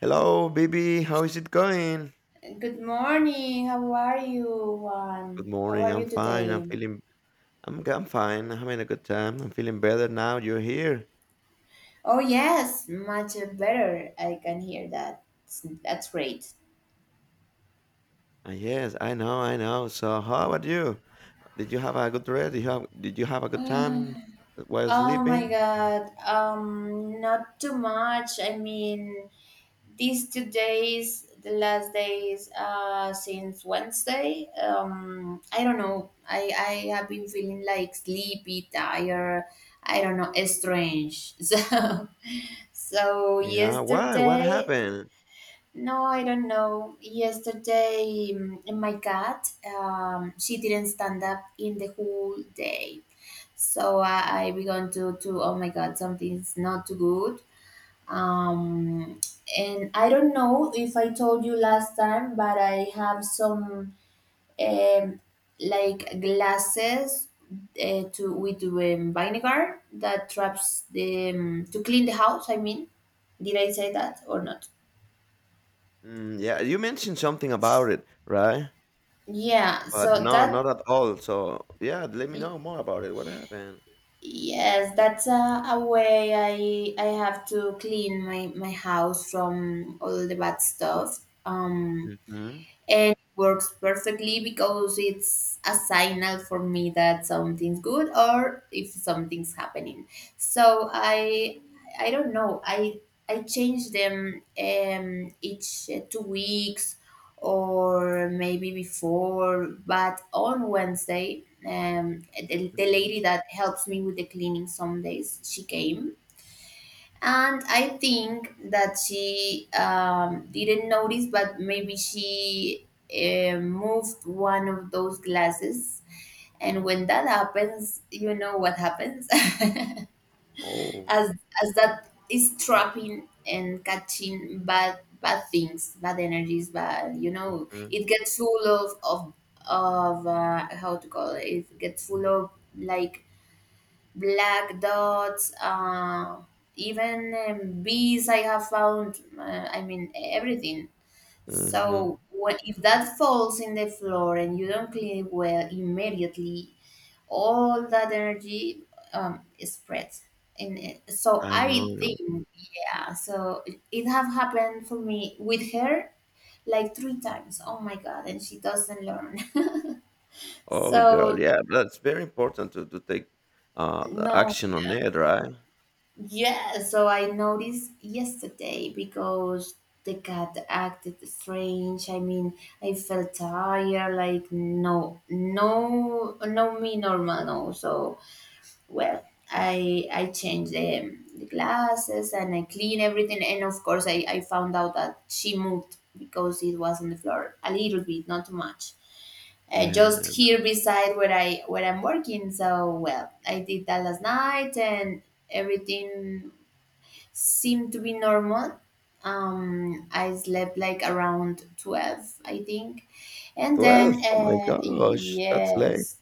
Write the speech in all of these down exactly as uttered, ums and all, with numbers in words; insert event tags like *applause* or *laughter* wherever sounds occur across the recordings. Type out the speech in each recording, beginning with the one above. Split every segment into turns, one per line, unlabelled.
Hello, baby. How is it going?
Good morning. How are you?
Good
Um, how
morning.
are
I'm
you
fine. I'm
today?
feeling. I'm. i I'm fine. I'm having a good time. I'm feeling better now. You're here.
Oh yes, much better. I can hear that. That's great.
Ah, yes, I know. I know. So, how about you? Did you have a good rest? Did you have, did you
*laughs*
have a good
*sighs*
time while
Oh my
sleeping?
God. Um, not too much. I mean, these two days, the last days, uh, since Wednesday. Um, I don't know. I I have been feeling like sleepy, tired. I don't know, strange. *laughs* So. So
Yeah. Why? What
yesterday...
happened?
No, I don't know. Yesterday, mm, my cat, um, she didn't stand up in the whole day. So I, I began to, to, oh my God, something's not too good. Um, and I don't know if I told you last time, but I have some um, like glasses uh, to, with um, vinegar that traps the, um, to clean the house, I mean. Did I say that or not?
Mm, yeah. You mentioned something about it, right?
Yeah,
But
so
no, not
that...
at all. So, yeah. Let me
Y-
know more about it. What happened?
Yes, that's a, a way I I have to clean my, my house from all the bad stuff. Um,
Mm-hmm.
and works perfectly because it's a signal for me that something's good or if something's happening. So i i don't know, i i change them um each uh, two weeks or maybe before. But on Wednesday, um the, the
Mm-hmm.
lady that helps me with the cleaning some days, she came, and I think that she um, didn't notice, but maybe she uh, moved one of those glasses. And when that happens, you know what happens. *laughs*
Oh.
as as that is trapping and catching bad bad things, bad energies, bad... you know,
Mm-hmm.
it gets full of... of of uh, how to call it. It gets full of, like, black dots, uh, even um, bees, I have found. Uh, I mean, everything.
Mm-hmm.
So when, if that falls in the floor and you don't clean it well immediately, all that energy um, spreads. And it- so
I know.
I
No.
think, yeah. So it, it have happened for me with her like three times. Oh my God! And she doesn't learn. *laughs*
Oh, girl,
So...
yeah, that's very important to, to take uh,
no.
action on it, right?
Yeah, so I noticed yesterday because the cat acted strange. I mean, I felt tired, like no, no, no, me normal, no. So, well, I I change the, the glasses and I clean everything, and of course I, I found out that she moved because it was on the floor a little bit, not too much, uh, just
Yeah.
here beside where I where I'm working. So, well, I did that last night, and everything seemed to be normal. Um, I slept like around twelve, I think, and
twelve.
then
Oh my
uh,
gosh, that's late.
yes.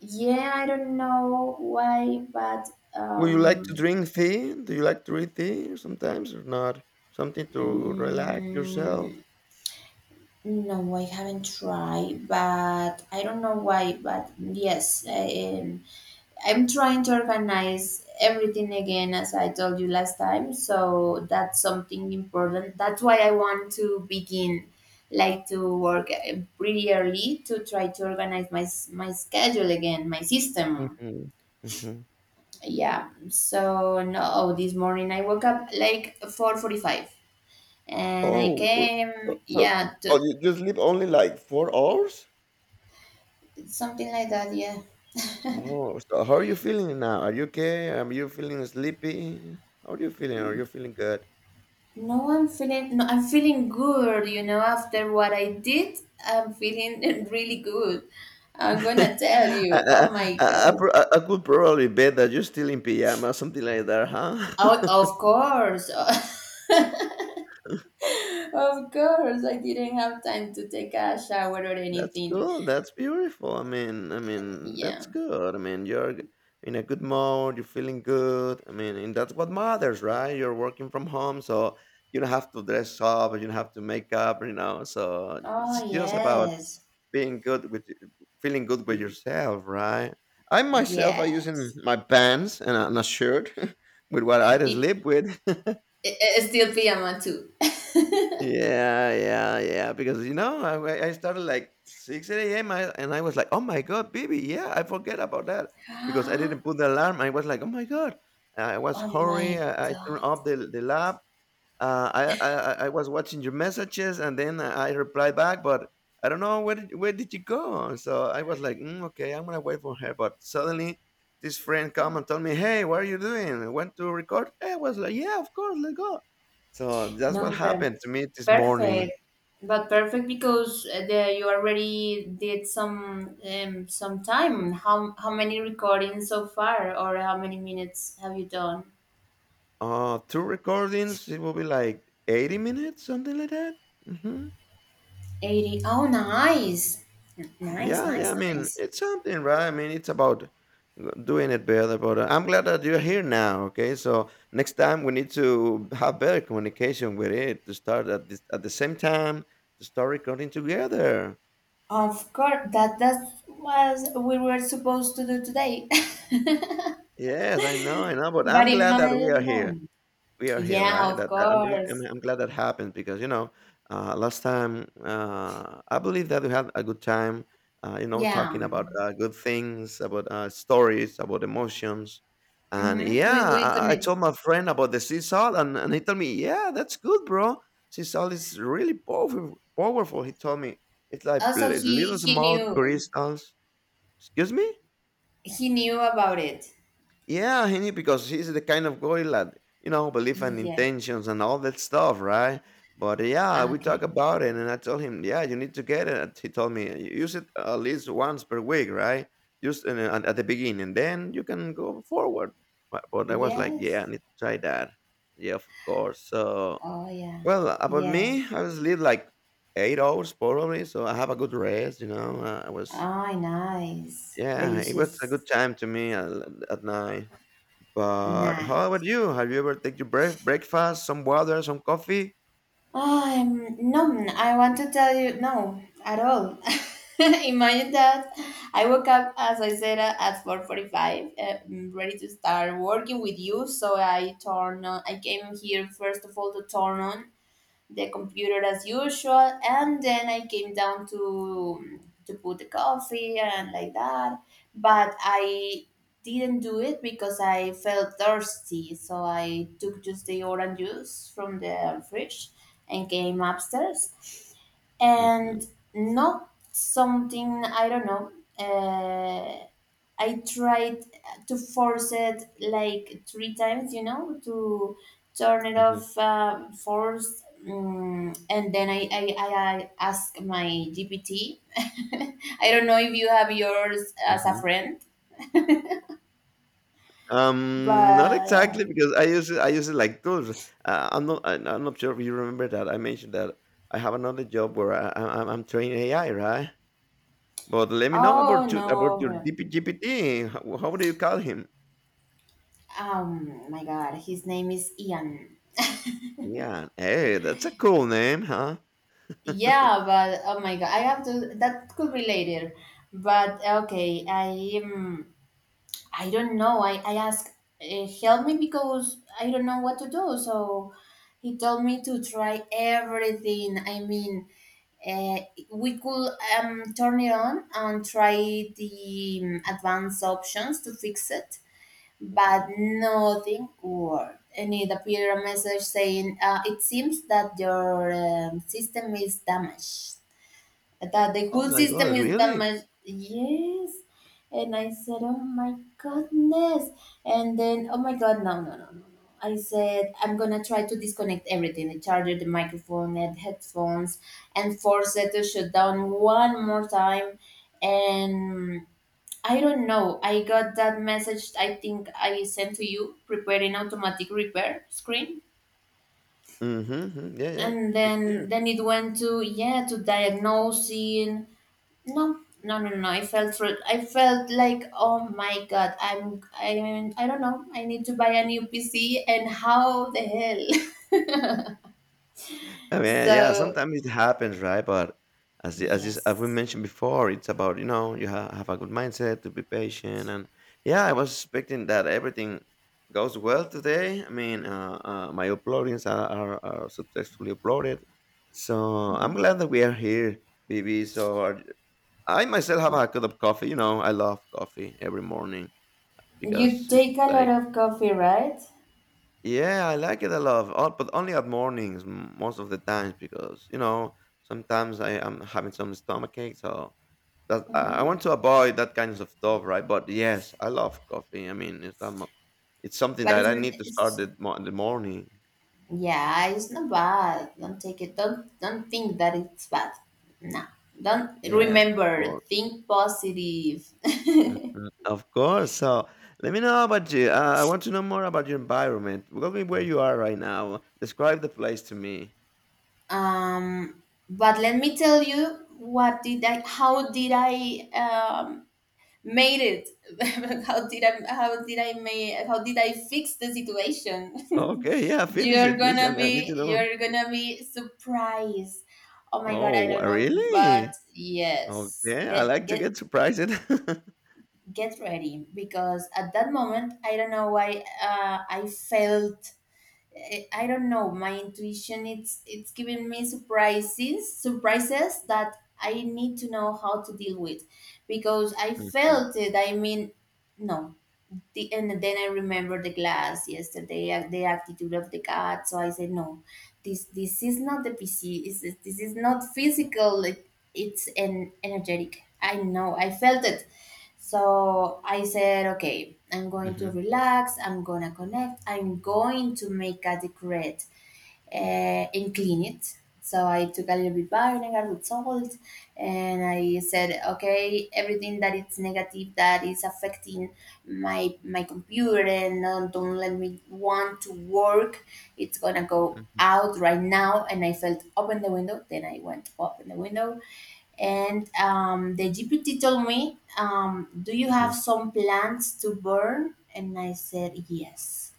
Yeah, I don't know why, but
Would you like to
um,
drink tea? Do you like to read tea sometimes or not? Something to relax yourself?
mm, no, I haven't tried. But I don't know why, but yes, I, um, I'm trying to organize everything again, as I told you last time. So that's something important. That's why I want to begin, like, to work uh, pretty early to try to organize my s- my schedule again, my system.
Mm-hmm. Mm-hmm.
Yeah. So, no, oh, this morning I woke up like four forty-five, and I
Oh, r- so,
came.
so
Yeah,
oh,
to...
you, you sleep only like four hours?
something like that. Yeah. *laughs*
Oh, so how are you feeling now? Are you okay? Are you feeling sleepy? How are you feeling? Are you feeling good?
No, I'm feeling... No, I'm feeling good. You know, after what I did, I'm feeling *laughs* really good. I'm gonna
*laughs*
tell
I,
you. Oh
I,
my
I, I,
God.
pro- I I could probably bet that you're still in pajama, something like that, huh?
Oh, of
*laughs*
course, *laughs* of course. I didn't have time to take a shower or
That's
anything.
cool. That's beautiful. I mean, I mean,
Yeah.
that's good. I mean, you're g- in a good mode. You're feeling good. I mean, and that's what matters, right? You're working from home, so you don't have to dress up. You don't have to make up. You know, so
Oh
it's just about
yes,
being good with y- feeling good with yourself, right? I myself, I using
yes.
my pants and a, and a shirt *laughs* with what I sleep with. *laughs*
I- I- still pajama too. *gasps* *laughs*
Yeah, yeah, yeah. Because you know, I, I started like six a m and I was like, "Oh my god, baby, yeah, I forget about that because I didn't put the alarm." I was like, "Oh my god!" I was
Oh
hurry.
my
I, I turned
God.
off the the lab, uh, I, I I I was watching your messages and then I reply back, but I don't know where did, where did you go? So I was like, mm, okay, I'm gonna wait for her. But suddenly, this friend come and told me, hey, what are you doing? I went to record? I was like, yeah, of course, let's go. So that's what
No, but um,
happened to me this morning.
perfect. But perfect because uh, the, you already did some um, some time. How how many recordings so far, or how many minutes have you done?
Uh, two recordings. It will be like eighty minutes, something like that. hmm
Eighty. Oh, nice, nice,
Yeah, yeah. I
nice,
mean,
nice.
it's something, right? I mean, it's about doing it better. But uh, I'm glad that you're here now. Okay, so next time we need to have better communication with it to start at this, at the same time to start recording together.
Of course, that that was... we were supposed to do today. *laughs*
Yes, I know, I know. But
But
I'm
in
glad that we
my
are here.
mom...
We are here,
Yeah,
right?
of
That that I'm really I'm
course.
I'm glad that happened because, you know, uh, last time, uh, I believe that we had a good time, uh, you know,
Yeah.
talking about, uh, good things, about, uh, stories, about emotions. And
Mm-hmm.
yeah,
We we
I I
connect.
told my friend about the sea salt and and he told me, "Yeah, that's good, bro. Sea salt is really powerful powerful." He told me, "It's like
Also,
li-
he
little
he
small
knew...
crystals." Excuse me?
He knew about it.
Yeah, he need- because he's the kind of guy that you know believe in
Yeah.
intentions and all that stuff, right? But yeah, we talk
Okay.
about it, and I told him, yeah, you need to get it. He told me use it at least once per week, right? Just in, at, at the beginning, then you can go forward. But, but I was like, yeah, I
Yes.
need to try that. Yeah, of course. So
Oh yeah.
well, about
Yeah.
me, I was sleep like eight hours probably, so I have a good rest. You know, uh, I was
Oh, nice.
yeah, it was a
Delicious.
good time to me at, at night. But how
Nice.
about you? Have you ever take your break breakfast, some water, some coffee?
Um. No, I want to tell you no at all. *laughs* Imagine that I woke up, as I said, uh, at four forty-five, uh, mm, ready to start working with you. So I turn on. I came here first of all to turn on the computer as usual, and then I came down to to put the coffee and like that. But I didn't do it because I felt thirsty, so I took just the orange juice from the fridge and came upstairs,
Mm-hmm,
and... not something. I don't know. uh, I tried to force it like three times, you know, to turn it
mm-hmm,
off, um, force. Um, and then I, I, I, I asked my G P T. *laughs* I don't know if you have yours as a
mm-hmm.
friend, but
Um, not
uh,
exactly because I use it. I use it like tools. Uh, I'm not. I, I'm not sure if you remember that I mentioned that I have another job where I, I, I'm I'm training A I, right? But let me know
oh
about you, about your
no,
D P. How, how do you call him?
um, my God, his name is Ian.
Yeah. Hey, that's a cool name, huh? *laughs*
Yeah, but oh my God, I have to... That could be later, but okay. I am... I don't know. I, I asked, uh, help me because I don't know what to do. So he told me to try everything. I mean, uh, we could um, turn it on and try the um, advanced options to fix it, but
hmm
nothing worked. And it appeared a message saying, uh, it seems that your um, system is damaged, that the
Oh
whole
my
system
god,
is
really?
damaged. Yes. And I said, oh my goodness. And then, oh my God, no, no, no, no, no. I said, I'm going to try to disconnect everything: the charger, the microphone, and headphones, and force it to shut down one more time. And I don't know. I got that message, I think I sent to you: preparing automatic repair screen.
Mm-hmm, mm-hmm. Yeah, yeah.
And
It's
then,
here.
then it went to... yeah, to diagnosing. No, no, no, no. I felt re- I felt like, oh my God, I'm I mean, I don't know. I need to buy a new P C, and how the hell?
I
*laughs*
mean, yeah,
So
sometimes it happens, right? But as y- as is, as we
yes.
mentioned before, it's about you know you ha- have a good mindset to be patient, and yeah, I was expecting that everything goes well today. I mean, uh, uh, my uploadings are, are are successfully uploaded, so I'm
Mhm.
glad that we are here, B B. So are- I myself have a cup of coffee. You know, I love coffee every morning
You
because it's
take a lot
like
of coffee, right?
yeah, I like it a lot, o- but only at mornings m- most of the times because you know sometimes I am having some stomach ache, so that I I want to avoid that kinds of stuff, right? But yes, I love coffee. I mean, it's that mo- it's something
But
that
it's,
I need to start
it's
the, mo- the morning.
yeah, it's not bad. Don't take it. Don't don't think that it's bad. No, don't
Yes, of
remember.
course,
Think positive. *laughs*
mhm, of course. So let me know about you. Uh, I want to know more about your environment. Tell me where you are right now. Describe the place to me.
um, but let me tell you what did I how did I um made it. *laughs* How did i how did i make how did I fix the situation?
Okay, yeah,
*laughs*
finish
You're
it, please.
gonna
And I need
be
to know.
you're gonna be surprised. Oh my God,
Oh,
I
wha-
don't know, but
really?
yes.
Okay, I
Get
like to
get
get surprised. *laughs*
get ready, because at that moment I don't know why. uh, I felt... I I don't know. My intuition, it's it's giving me surprises, surprises that I need to know how to deal with, because I
Mhm,
felt it, I mean. No, the, and then I remember the glass yesterday, uh, the attitude of the cat. So I said, no, this this is not the P C. This is this is not physical. It, it's an energetic. I know. I felt it. So I said, okay, I'm going to
mhm,
relax. I'm gonna connect. I'm going to make a decree uh, and clean it. So I took a little bit vinegar with salt, and I said, okay, everything that is negative, that is affecting my my computer and not... don't let me want to work... it's gonna go
mhm,
out right now. And I felt, open the window. Then I went, open the window, and um, the G P T told me, um, "Do you
mhm.
have some plants to burn?" And I said, "Yes."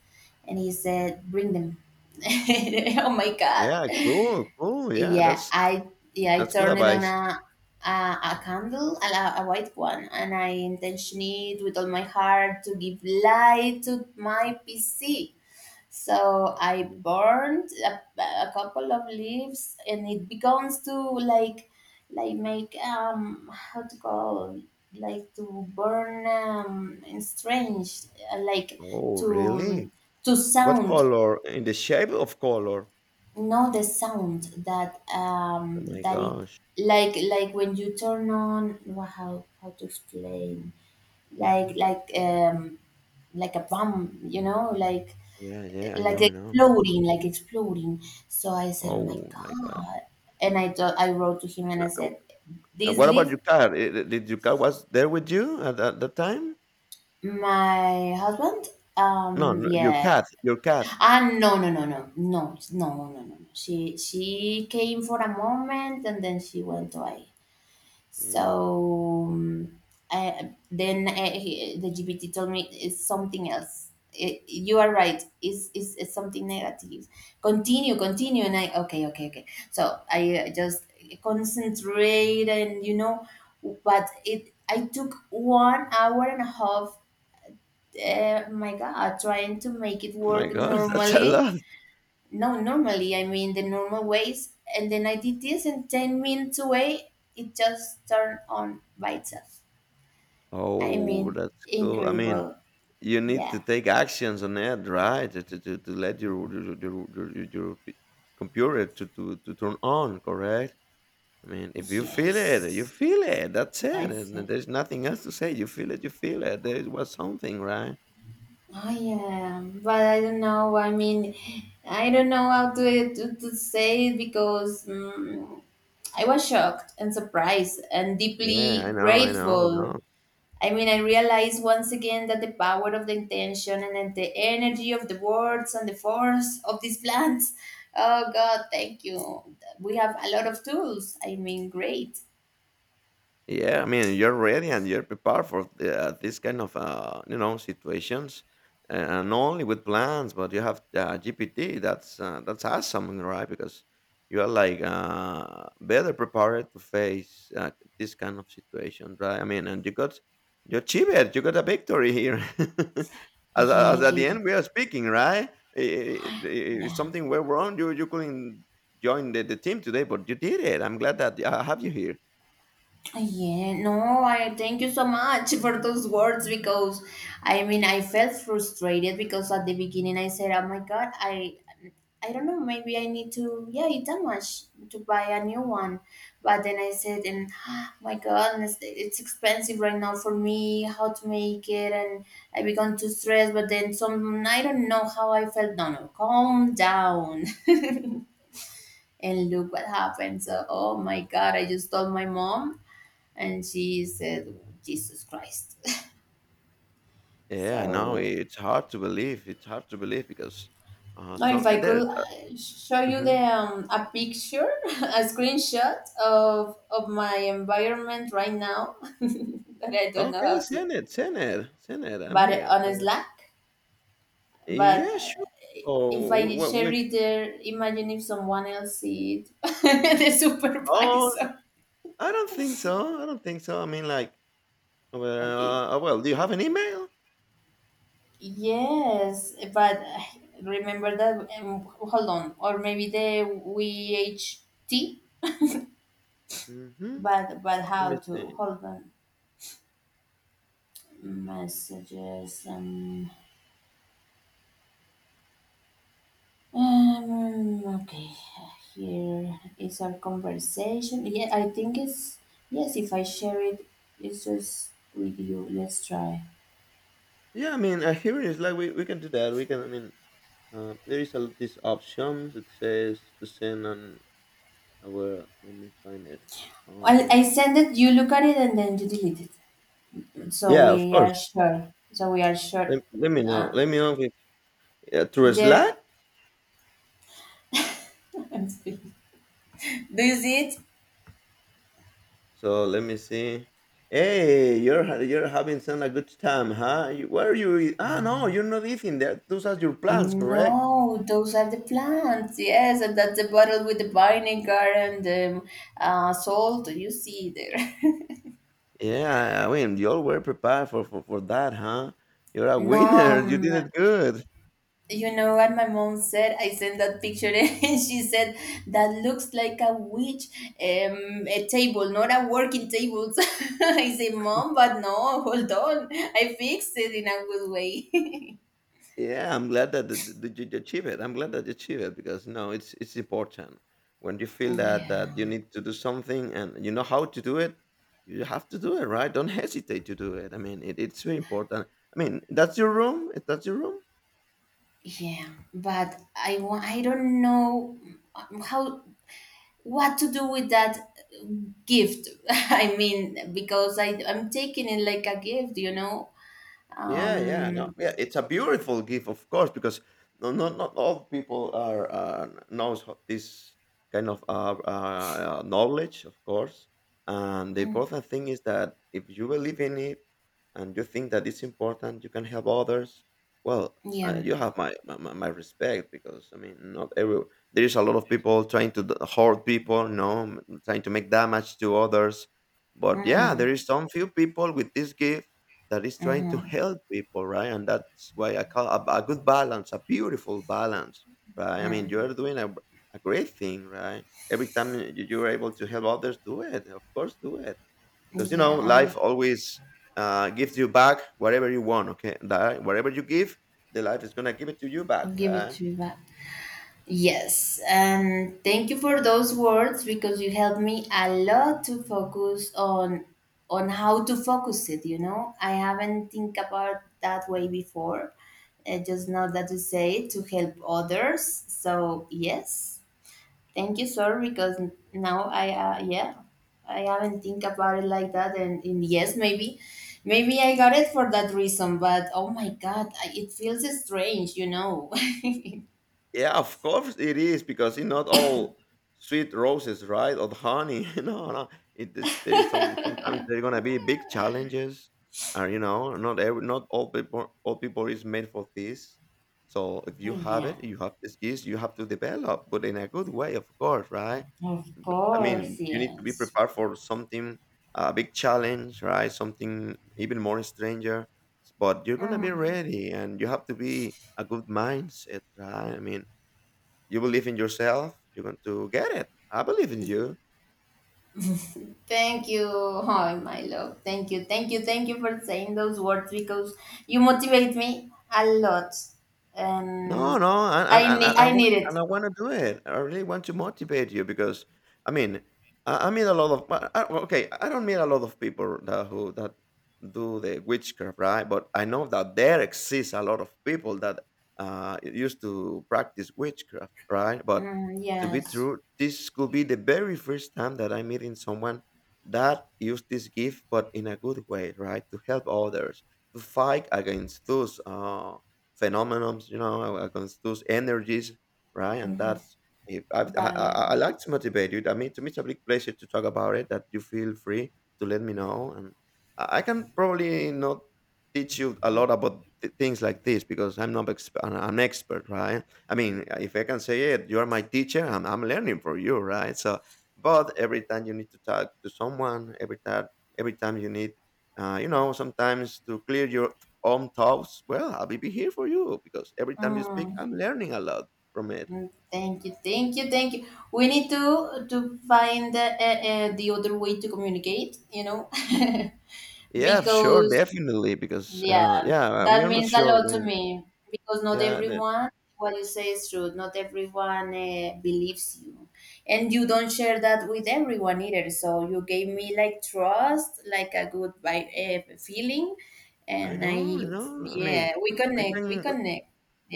And he said, "Bring them." *laughs* Oh my God.
Yeah, cool, cool, yeah,
Yeah,
that's
I yeah, I
that's good
turned it on,
advice.
a a, a candle, a, a white one, and I intentioned it with all my heart to give light to my P C. So I
Mhm.
burned a, a couple of leaves, and it begins to, like, like make... um how to call... like to burn um in strange, uh, like
Oh, really?
to... to
What
sound...
color? In the shape of color?
know the sound that um
Oh my
that it...
gosh.
like like when you turn on, wha- how how to explain... like like um like a bomb, you know, like...
Yeah, yeah, I
like
know, I know.
exploding, like exploding. So I said, "Oh my
Oh my gosh.
God!" And I told, I wrote to him and
Uh,
I said,
And
"This
what about
leave
your cat? I- I- Did your cat was there with you at that, that time?
my husband."
No,
Um,
no, your
yeah.
cat, your cat.
Ah, no, no, no, no, no, no, no, no, no. She she came for a moment and then she went away.
Mhm.
So um, I, then uh, he, the G P T told me it's something else. It, you are right. It's, it's, it's something negative. Continue, continue, and I... okay, okay, okay. So I uh, just concentrate, and you know, but it... I took one hour and a half. Uh, my God, trying to make it
Oh my
work
gosh, *laughs* that's a
normally.
lot.
No, normally, I mean, the normal ways, and then I did this, and ten minutes away, it just turned on by itself. I
Oh,
mean,
that's cool. I mean,
incredible.
you need
Yeah.
to take actions on it, right? To, to, to, to let your your, your, your, your your p- computer to, to, to turn on, correct? I mean, if you feel it, you
Yes.
feel it. That's it.
I
And
felt...
there's nothing else to say. You feel it, you feel it. There was something, right?
Oh, yeah. But I don't know. I mean, I don't know how to, to, to say it because mm I was shocked and surprised and
Yeah,
deeply
I know, I know, I
grateful.
know.
I mean, I realize once again, that the power of the intention, and then the energy of the words, and the force of these plants. Oh God, thank you. We have a lot of tools. I mean, great.
Yeah, I mean, you're ready and you're prepared for the, uh, this kind of uh, you know situations, uh, not only with plans, but you have uh, G P T. That's uh, that's awesome, right? Because you are like uh, better prepared to face uh, this kind of situation, right? I mean, and you got you achieve it. You got a victory here. *laughs* as,
Yeah,
as
I
at the
did.
end we are speaking, right? I- I- I- If
Yeah.
something went wrong, you you couldn't join the, the team today, but you did it. I'm glad that I have you here.
Yeah. No, I thank you so much for those words because I mean I felt frustrated because at the beginning I said, Oh my God, I I don't know, maybe I need to, yeah, it's that much to buy a new one. But then I said, and *gasps* my goodness, it's expensive right now for me, how to make it. And I began to stress, but then some, I don't know how I felt. No, no, calm down. *laughs* And look what happened. So, oh my God, I just told my mom, and she said, Jesus Christ. *laughs*
Yeah, no,
So
it's hard to believe. It's hard to believe because uh,
or if
so
I
and there.
could uh,
Uh,
show you the
mhm.
um, a picture, *laughs* a screenshot of of my environment right now, *laughs* that I don't know
Okay,
how to,
send it, send it, send it. I'm
but
here.
on
Uh,
Slack. But
yeah,
uh,
sure. Oh,
If I
what?
share
Which?
it there, imagine if someone else see it, *laughs* the
Oh,
supervisor.
I don't think so. I don't think so. I mean, like,
Okay.
well, uh, well, do you have an email?
Yes, but uh, remember that. Um, hold on, or maybe the V H T.
Mm-hmm.
But but
Let
how
me
to
see.
hold on messages and Um, okay, here is our conversation. Yeah, I think it's yes. If I share it, it's just with you. Let's try.
Yeah, I mean, uh, here it is. Like, we, we can do that. We can. I mean, uh, there is a, this option that says to send on our. Let me find it.
I I
Um.
send it. You look at it and then you delete it. So
Yeah, of
we
course.
are sure. So we are sure.
Let let me know.
Uh,
Let me know if uh, through
there.
Slack.
*laughs* I'm speaking. Do you see it?
So let me see. Hey, you're ha- you're having some a good time, huh? You, where are you? Eat- Ah, no, you're not eating that. Those are your plans, correct?
No, those are the plants. Yes, and that's the bottle with the vinegar and the uh, salt. You see there. *laughs*
Yeah, I mean, you all were prepared for, for, for that, huh? You're a
No,
winner. You
um,
did it good.
You know what my mom said? I sent that picture *laughs* and she said, that looks like a witch, um, a table, not a working table. *laughs* I say, Mom, but no, hold on. I fixed it in a good way.
Yeah, I'm glad that the, the, you achieve it. I'm glad that you achieve it because no, it's it's important. When you
*laughs*
feel that that you
Yeah,
need to do something and you know how to do it, you have to do it, right? Don't hesitate to do it. I mean, it, it's very important. I mean, that's your room. If that's your room,
yeah. But I, wa- I don't know how what to do with that gift. *laughs* I mean, because I, I'm taking it like a gift, you know?
yeah, yeah, no,
Um,
yeah. It's a beautiful gift, of course, because no, not not all people are uh, knows ho- this kind of uh, uh, knowledge, of course. And the important thing is that if you believe in it and you think that it's important, you can help others. Well, uh,
yeah.
you have my, my my my respect because I mean, not every there is a lot of people trying to d- hoard people, no, m- trying to make damage to others. But yeah, there
Mm,
is some few people with this gift that is trying to help people, right? And that's why I call a, a good balance, a beautiful balance, right? I mean, you're doing a, a great thing, right? Every time you, you're able to help others, do it. Of course, do it. Because, you know,
yeah.
life always uh, gives you back whatever you want, okay? That, whatever you give, the life is going to give it to you back,
Give it
right?
to me back. Yes, and thank you for those words because you helped me a lot to focus on on how to focus it. You know, I haven't think about that way before. I just know
*laughs*
that you say it to help others. So yes, thank you, sir, because now I uh, yeah I haven't think about it like that. And, and yes, maybe maybe I got it for that reason. But oh my God, I- it feels strange, you know. *laughs*
Yeah, of course it is because it's not all sweet roses, right? Or the honey. *laughs* No, no. It is, there is some sometimes there are gonna be big challenges, or you know, not every, not all people all people is made for this. So if you have
Yeah,
it, you have the skills, you have to develop, but in a good way, of course, right?
of
I
course,
mean, you need to be
yes.
prepared for something a big challenge, right? Something even more stranger, but you're gonna be
Mm.
ready, and you have to be a good mindset, right? I mean you believe in yourself, you're going to get it. I believe in you.
Thank you, oh, my love. Thank you, thank you, thank you for saying those words because you motivate me a lot,
No,
and
no, and and
I
and
need
and I
I
want
need it.
and I wanna do it. I really want to motivate you because, I mean, I I meet a lot of, but I, well, okay, I don't meet a lot of people that who that do the witchcraft, right? But I know that there exists a lot of people that, uh, used to practice witchcraft, right? But
Mm,
to be
yes,
true, this could be the very first time that I'm meeting someone that used this gift, but in a good way, right? To help others, to fight against those, uh phenomenons, you know, uh, those energies, right? And that's if I, I, I
bye.
I like to motivate you. I mean, to me, it's a big pleasure to talk about it. That you feel free to let me know, and I I can probably not teach you a lot about th- things like this because I'm not ex- an an expert, right? I mean, if I can say it, you are my teacher. I'm, I'm learning from you, right? So, but every time you need to talk to someone, every time, every time you need, uh, you know, sometimes to clear your own thoughts, well, I'll be here for you because every time you speak,
Mm,
I'm learning a lot from it.
mm, thank you, thank you, thank you. We need to to find uh, uh, the other way to communicate, you know. *laughs*
Yeah, sure,
Because
definitely. Because
yeah,
uh, yeah, uh,
that
we are not
means a
sure
lot to
when.
me because not
Yeah, that
everyone, what you say is true. Not everyone uh, believes you, and you don't share that with everyone either. So you gave me like trust, like a good vibe, uh, feeling,
I
and I,
know, I know. I mean,
yeah, we
we
connect, we
can.
connect.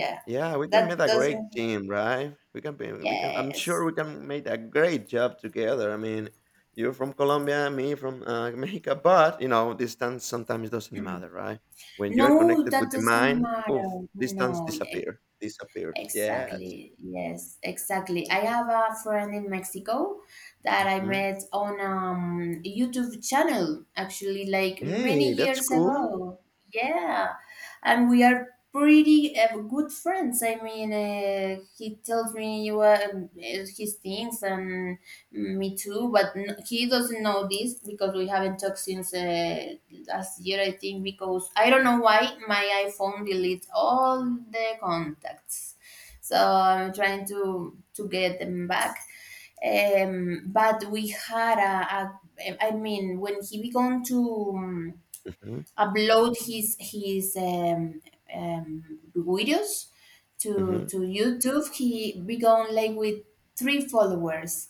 Yeah,
Yeah, we can make
that
a great
doesn't.
team, right? We can. be- We can. I'm sure
Yes.
we can make a great job together. I mean, you're from Colombia, me from uh, *laughs* Mexico, but you know, distance sometimes doesn't matter, right? When you are
No,
connected with
that
the
doesn't
mind, oof,
matter.
distance
No,
disappear, disappears. Yes.
exactly. Yes, exactly. I have a friend in Mexico that I
Mhm.
met on um YouTube channel actually like many
Hey, that's
years
cool.
ago. Yeah. And we are pretty uh, good friends. I mean, uh, he tells me what his things and me too, but n he doesn't know this because we haven't talked since uh, last year, I think, because I don't know why my iPhone deletes all the contacts so I'm trying to to get them back. Um, but we had a, a I mean, when he began to um,
Mhm,
upload his his um, um, videos to
mhm,
to YouTube, he began like with three followers.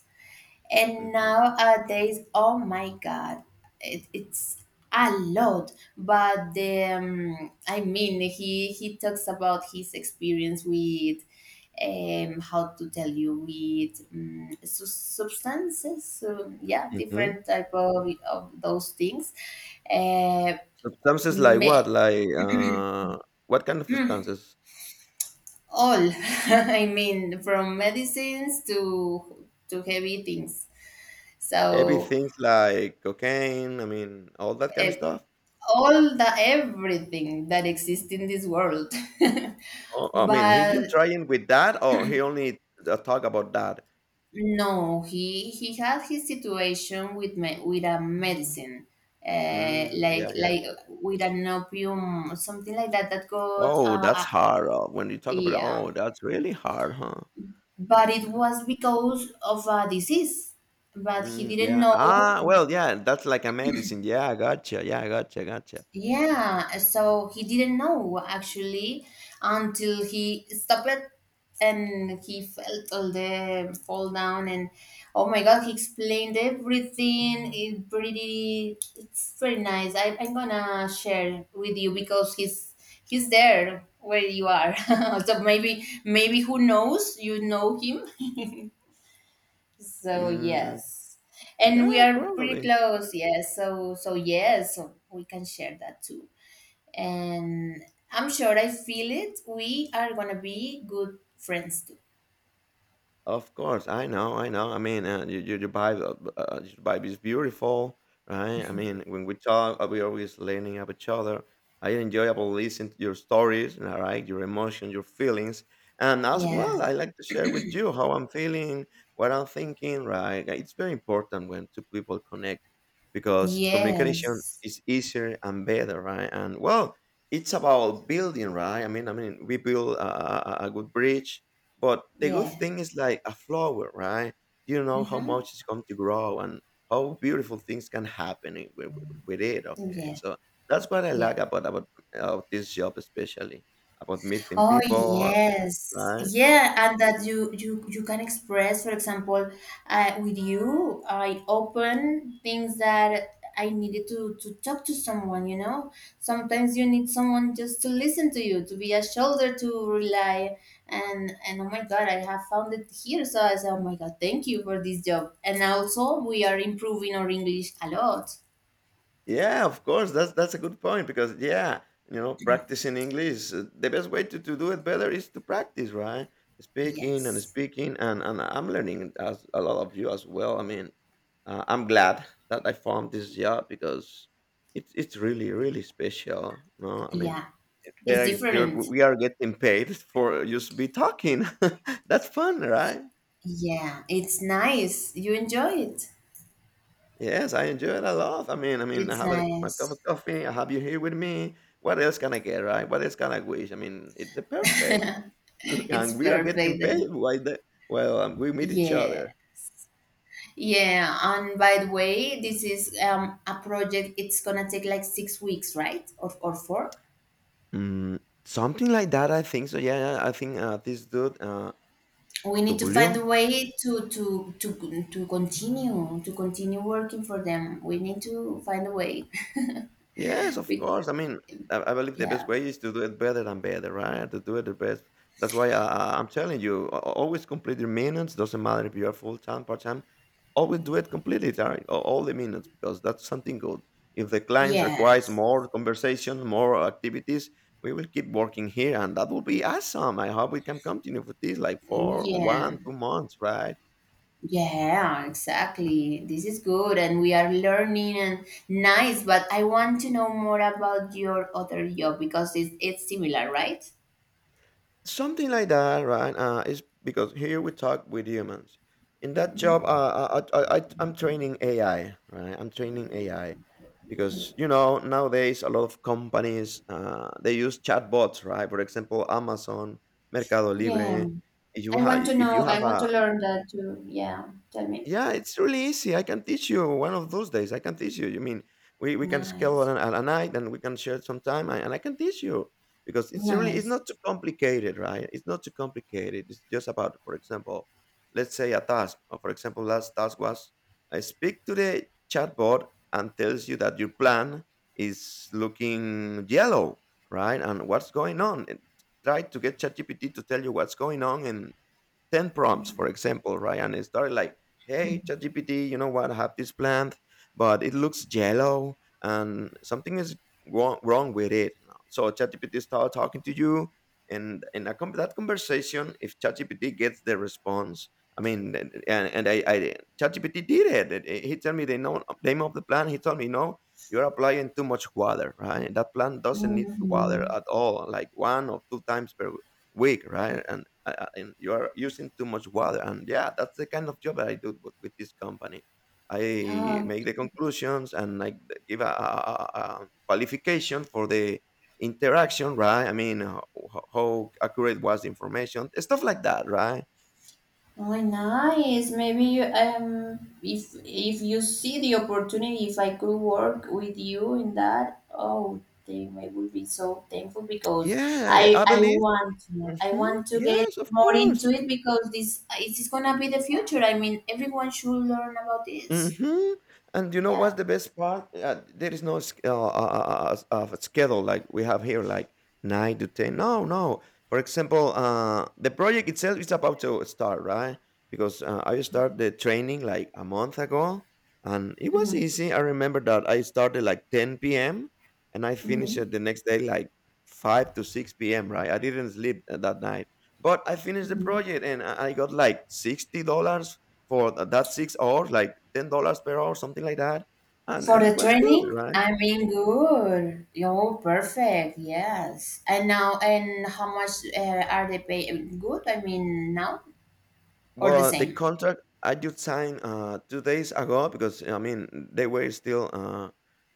And
mhm,
nowadays, oh my God, it, it's a lot. But the, um, I mean, he he talks about his experience with um, how to tell you with um, su- substances, so, yeah,
mhm.
different type of, of those things. Uh,
Substances like what?
me-
Like, uh, what kind of substances?
all, *laughs* I mean, from medicines to to heavy things.
Heavy
So
things like cocaine. I mean, all that kind
uh,
of stuff.
all the everything that exists in this world. *laughs*
Oh, I mean, he's been
But
trying with that, or he only uh, talk about that.
no, he he had his situation with me, with a medicine, uh,
Mm,
like
yeah, yeah.
like with an opium, something like that that got
Oh,
uh, uh,
that's hard. Uh, when you talk about it,
yeah.
oh, that's really hard, huh?
But it
Mm,
was because of a disease, but he
mm,
didn't
yeah.
know.
Ah, well, yeah. That's like a medicine. Yeah, I gotcha. Yeah, I gotcha. Gotcha.
Yeah, so he didn't know actually until he stopped it and he felt all the fall down and oh my God, he explained everything. It pretty, it's very nice. I, I'm gonna share with you because he's he's there where you are. *laughs* So maybe maybe who knows? You know him. So
Mm,
yes, and we
yeah,
are pretty
probably.
close. Yes, so so yes, so we can share that too and I'm sure I feel it. We are gonna be good friends too.
Of course, I know, I know. I mean, uh, you you you buy the uh, your vibe is beautiful, right? I mean, when we talk, uh, we always learning about each other. I enjoyable listen to your stories, all right? Your emotions, your feelings, and as
Yeah.
well, I like to share with you how I'm feeling, what I'm thinking, right? Uh, It's very important when two people connect because communication
Yes.
is easier and better, right? And well, it's about building, right? I mean, I mean, we build a, a, a a good bridge, but the good
Yeah.
thing is like a flower, right? You don't know how
Hmm.
much it's going to grow and how beautiful things can happen i- with, with it. Okay,
Yeah.
so that's what I
Yeah.
like about about, about this job, especially about meeting
Oh
people,
yes,
right?
yeah, and that you you you can express, for example, uh, with you, I open things that I needed to to talk to someone. You know, sometimes you need someone just to listen to you, to be a shoulder to rely. And and oh my God, I have found it here. So I said, oh my God, thank you for this job. And also, we are improving our English a lot.
Yeah, of course. That's that's a good point because yeah, you know, practicing English, uh, the best way to, to do it better is to practice, right? Speaking and
Yes,
speaking, and and I'm learning as a lot of you as well. I mean, uh, I'm glad that I found this job because it's it's really really special. No, I mean,
yeah, it's
there you're,
different.
we are getting paid *laughs* for just be talking. *laughs* That's fun, right?
Yeah, it's nice. You enjoy it.
Yes, I enjoy it a lot. I mean I mean, I
It's
have, like, my cup
nice.
of coffee, I have you here with me. What else can I get, right? What else can I wish? I mean, it's the perfect, *laughs*
It's
and we are getting
perfect.
paid. Why the Well, um, we meet each
Yeah.
other.
Yeah. And by the way, this is um, a project, it's gonna take like six weeks, right? Or, or four?
Mm, something like that, I think so, yeah, yeah, I think, uh, this dude, uh,
We need to find
Tulio.
a way to to to to continue to continue working for them. We need to find a way.
Yes,
*laughs*
of
Be-
course. I mean, I, I believe the best
yeah.
way is to do it better than better, right? To do it the best. That's why I, I- I'm telling you, a- a- always complete your minutes. Doesn't matter if you're full time, part time. Always do it completely, right? A- All the minutes because that's something good. If the clients requires
Yes.
more conversation, more activities, we will keep working here, and that will be awesome. I hope we can continue with this like for
Yeah.
one, two months, right?
Yeah, exactly. This is good, and we are learning and nice. But I want to know more about your other job because it's, it's similar, right?
Something like that, right? Uh, is because here we talk with humans. In that job, uh,
Mhm.
uh, I, I, I, I'm training A I, right? I'm training A I because you know nowadays a lot of companies uh, they use chatbots, right? For example, Amazon, Mercado
Yeah,
Libre. If you
I
have
want to
if
know.
you
I
have
want to
a
learn that too. Yeah, tell me.
Yeah, it's really easy. I can teach you one of those days. I can teach you. You mean we, we can schedule
Nice,
an, a, a night and we can share some time and, and I can teach you because it's really it's
nice.
not too complicated, right? It's not too complicated. It's just about, for example, let's say a task. Or for example, last task was I speak to the chatbot and tells you that your plan is looking yellow, right? And what's going on? And try to get ChatGPT to tell you what's going on and ten prompts, for example, right? And it started like, hey, ChatGPT, you know what? I have this plant, but it looks yellow and something is wrong, wrong with it. So ChatGPT started talking to you. And in a, con- that conversation, if ChatGPT gets the response, I mean, and, and I, I, ChatGPT did it. He told me the no- name of the plant. He told me, no, you're applying too much water, right? And that plant doesn't need water
Hmm.
at all, like one or two times per Weak, right? And uh, uh, and you are using too much water. And yeah, that's the kind of job that I do with, with this company. I make the conclusions and I give a, a, a a qualification for the interaction, right? I mean, how, how accurate was the information, stuff like that, right?
Oh, nice. Maybe you, um, if if you see the opportunity, if I could work with you in that, oh, then I would be so thankful because
Yeah, I
I
I
I
believe.
want to I
Hmm.
want to get
Yes, of
more
course.
into it because this it is gonna be the future. I mean, everyone should learn about this.
Mhm. And you know
Yeah.
what's the best part? Uh, there is no s- uh, uh, uh, uh, uh, schedule like we have here, like nine to ten. No, no. For example, uh, the project itself is about to start, right? Because uh, I started the training like a month ago, and it was
Hmm.
easy. I remember that I started like ten p m and I finished
Hmm.
it the next day like five to six p m. Right? I didn't sleep uh, that night, but I finished the
Hmm.
project and I I got like sixty dollars for th that six hours, like ten dollars per hour, something like that, and
For
and
the
was good,
training,
right?
I mean, good. You're perfect. Yes. And now, and how much uh, are they pay? Good. I mean, now or the
Well, the
same?
contract I just signed uh, two days ago because, I mean, they were still uh,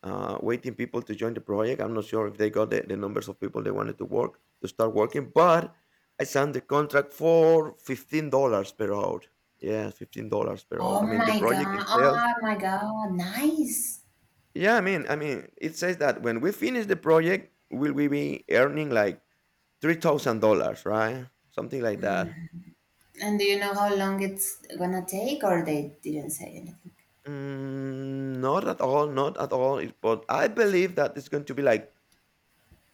uh, waiting people to join the project. I'm not sure if they got the, the numbers of people they wanted to work, to start working, but I signed the contract for fifteen dollars per hour. Yeah, fifteen dollars per hour.
Oh
I mean, the
my
project
God.
itself
Oh my God. Nice.
yeah, I mean, I mean, it says that when we finish the project, will we be earning like three thousand dollars right? Something like that.
And do you know how long it's gonna take, or they didn't say anything?
Mm, not at all, not at all. It, but I believe that it's going to be like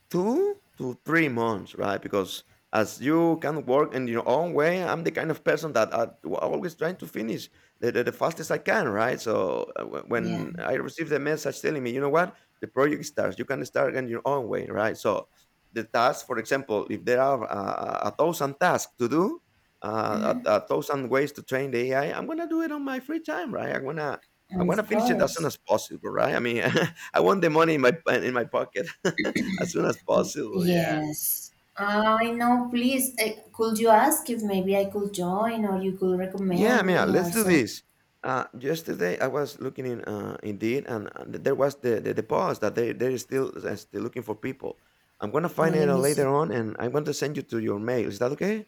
two to three months, right? Because as you can work in your own way, I'm the kind of person that I w- always trying to finish the, the, the fastest I can, right? So uh, wh-
Yeah.
when I receive the message telling me, you know what, the project starts, you can start in your own way, right? So the task, for example, if there are uh, a thousand tasks to do, uh, a, a thousand ways to train the A I, I'm gonna do it on my free time, right? I'm gonna I'm gonna
Of
finish it as soon
course.
as possible, right? I mean, *laughs* I want the money in my in my pocket. *laughs* As soon as possible, yeah.
Yes. I know. Please, uh, could you ask if maybe I could join, or you could
Yeah,
recommend
man,
me, or
let's do
some?
this. Uh, yesterday I was looking in uh, Indeed, and, and there was the, the the post that they they're still uh, still looking for people. I'm gonna find
Let
it out
me see.
later on, and I'm going to send you to your mail. Is that okay?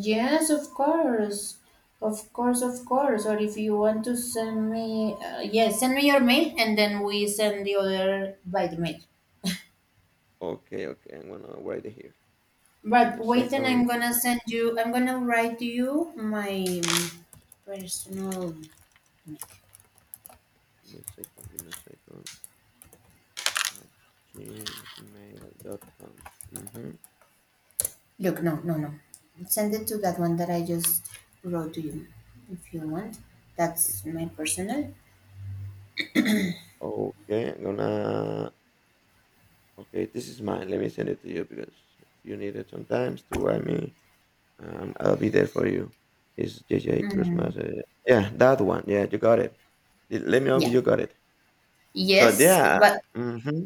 Yes, of course. Of course, of course. Or if you want to send me, uh, yes, send me your mail and then we send the other by the mail.
Okay, okay. I'm gonna write it here. Give
But
me a
wait, and
second.
I'm gonna send you, I'm gonna write you my personal.
Give me a second. Give me a second. At gmail dot com. Mm-hmm.
Look, no, no, no. Send it to that one that I just wrote to you if you want. That's my personal.
Okay, I'm gonna. Okay, this is mine. Let me send it to you because if you need it sometimes to write me. Um, I'll be there for you. Is J J
Mm,
Christmas? Uh, yeah, that one. Yeah, you got it. Let let me know if
yeah.
you got it. So
Yes,
yeah.
but
hmm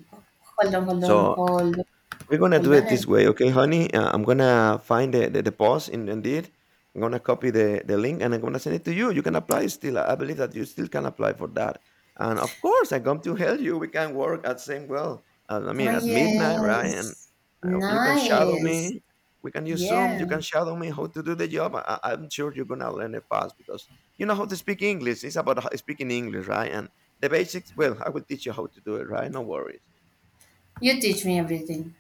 hold on, hold on,
So
hold on,
we're gonna
hold
do
on.
it
And
this way, okay, honey? Uh, I'm gonna find the, the, the post in Indeed. I'm gonna copy the, the link and I'm gonna send it to you. You can apply still. I I believe that you still can apply for that. And of course, I come to help you. We can work at same well. uh, I
oh,
mean, at midnight, right? And
yes.
uh, you can shadow
Nice.
me. We can use Zoom. You
Yeah.
can shadow me how to do the job. I, I- I'm sure you're gonna learn it fast because you know how to speak English. It's about how- speaking English, right? And the basics. Well, I will teach you how to do it, right? No worries.
You teach me everything,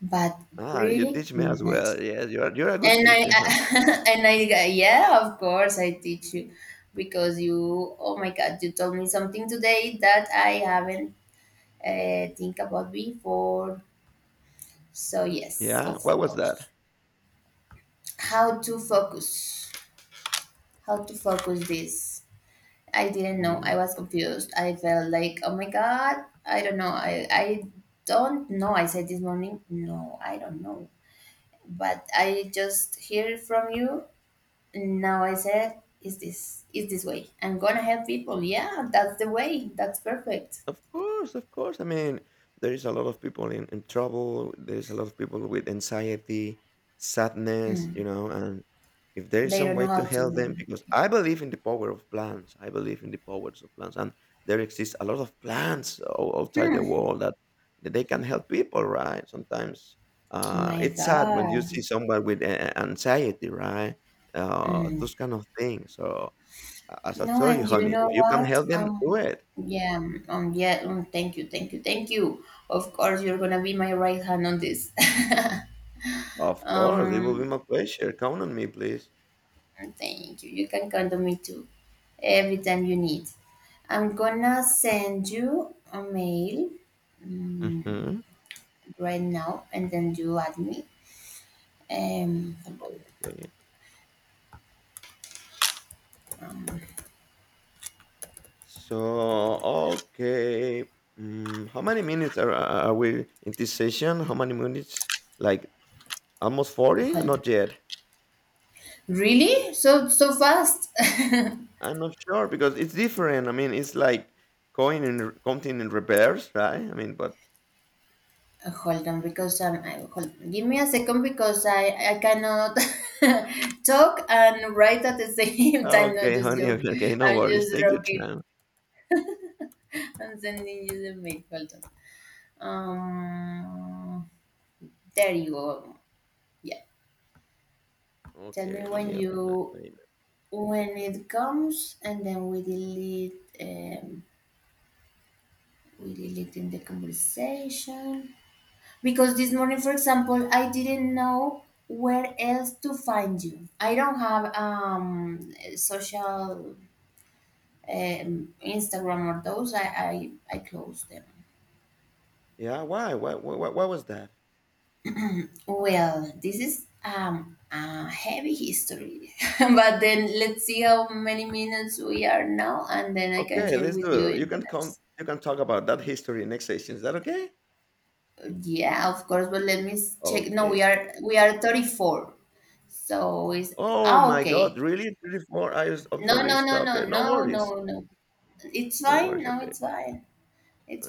but
Ah, you
pretty
teach me as well.
nice.
Yes, you're you're a good
And
teacher, huh?
I, *laughs* and I, yeah, of course I teach you because you, oh my God, you told me something today that I haven't uh, think about before. So yes,
Yeah?
of
What was
course.
that?
How to focus? How to focus this? I didn't know. I
Mhm.
was confused. I felt like, oh my God, I don't know. I I don't know. I said this morning, no, I don't know. But I just hear it from you. And now I said, is this is this way? I'm gonna help people. Yeah, that's the way. That's perfect.
Of course, of course. I mean, there is a lot of people in, in trouble. There's a lot of people with anxiety, sadness, you
Hmm.
know, and if there is
They
some
don't know
way to
how
help them,
to.
because I believe in the power of plants. I believe in the powers of plants. And there exists a lot of plants o- outside the
Hmm.
world that, that they can help people, right? Sometimes uh,
My
it's sad when you see
God.
someone with uh, anxiety, right? Uh,
Hmm.
those kind of things. So, a- as I
No,
told you,
and you
honey,
know
if you can
what?
help them, do
Um,
it.
yeah, um, um, yeah, um, thank you, thank you, thank you. Of course, you're gonna be my right hand on this. *laughs*
Of course, it will be
um,
my pleasure. Count on me, please.
Thank you. You can count on me too, every time you need. I'm gonna send you a mail um,
Mhm.
right now, and then you add me. Um, hold on,
Okay. So, okay. Mm, how many minutes are, are we in this session? How many minutes? Like almost forty?
hold.
Not yet.
Really? So so fast? *laughs*
I'm not sure because it's different. I mean, it's like coin in re- counting in reverse, right? I mean, but
Uh, Hold on, because um, I, hold, give me a second because I I cannot *laughs* talk and write at the same *laughs* time. No,
okay,
just
honey. *laughs*
joke.
Okay, okay, no
I'm
worries.
just
Take your
joking.
time.
I'm sending you the mail. Hold on. Um, there you go. Yeah. Tell me
Okay, let
when
me open my,
you
my email.
when it comes, and then we delete. Um, we delete in the conversation. Because this morning, for example, I didn't know where else to find you. I don't have um social um, Instagram or those. I I, I close them.
Yeah, why? Why? Why? Why why was that?
*clears throat* Well, this is um a heavy history, *laughs* but then let's see how many minutes we are now, and then I can
Okay,
share
let's
with you
do it.
in
You
the
can come.
next.
You can talk about that history next session. Is that okay?
Yeah, of course, but let me s- check. No,
Okay.
we are we are thirty-four. So is
Oh
ah
my God!
okay.
Really, thirty-four hours of
No,
story.
no, no, no,
Stop it. No
no,
worries.
no, no. It's
No
fine.
worries.
No,
Okay.
it's fine. It's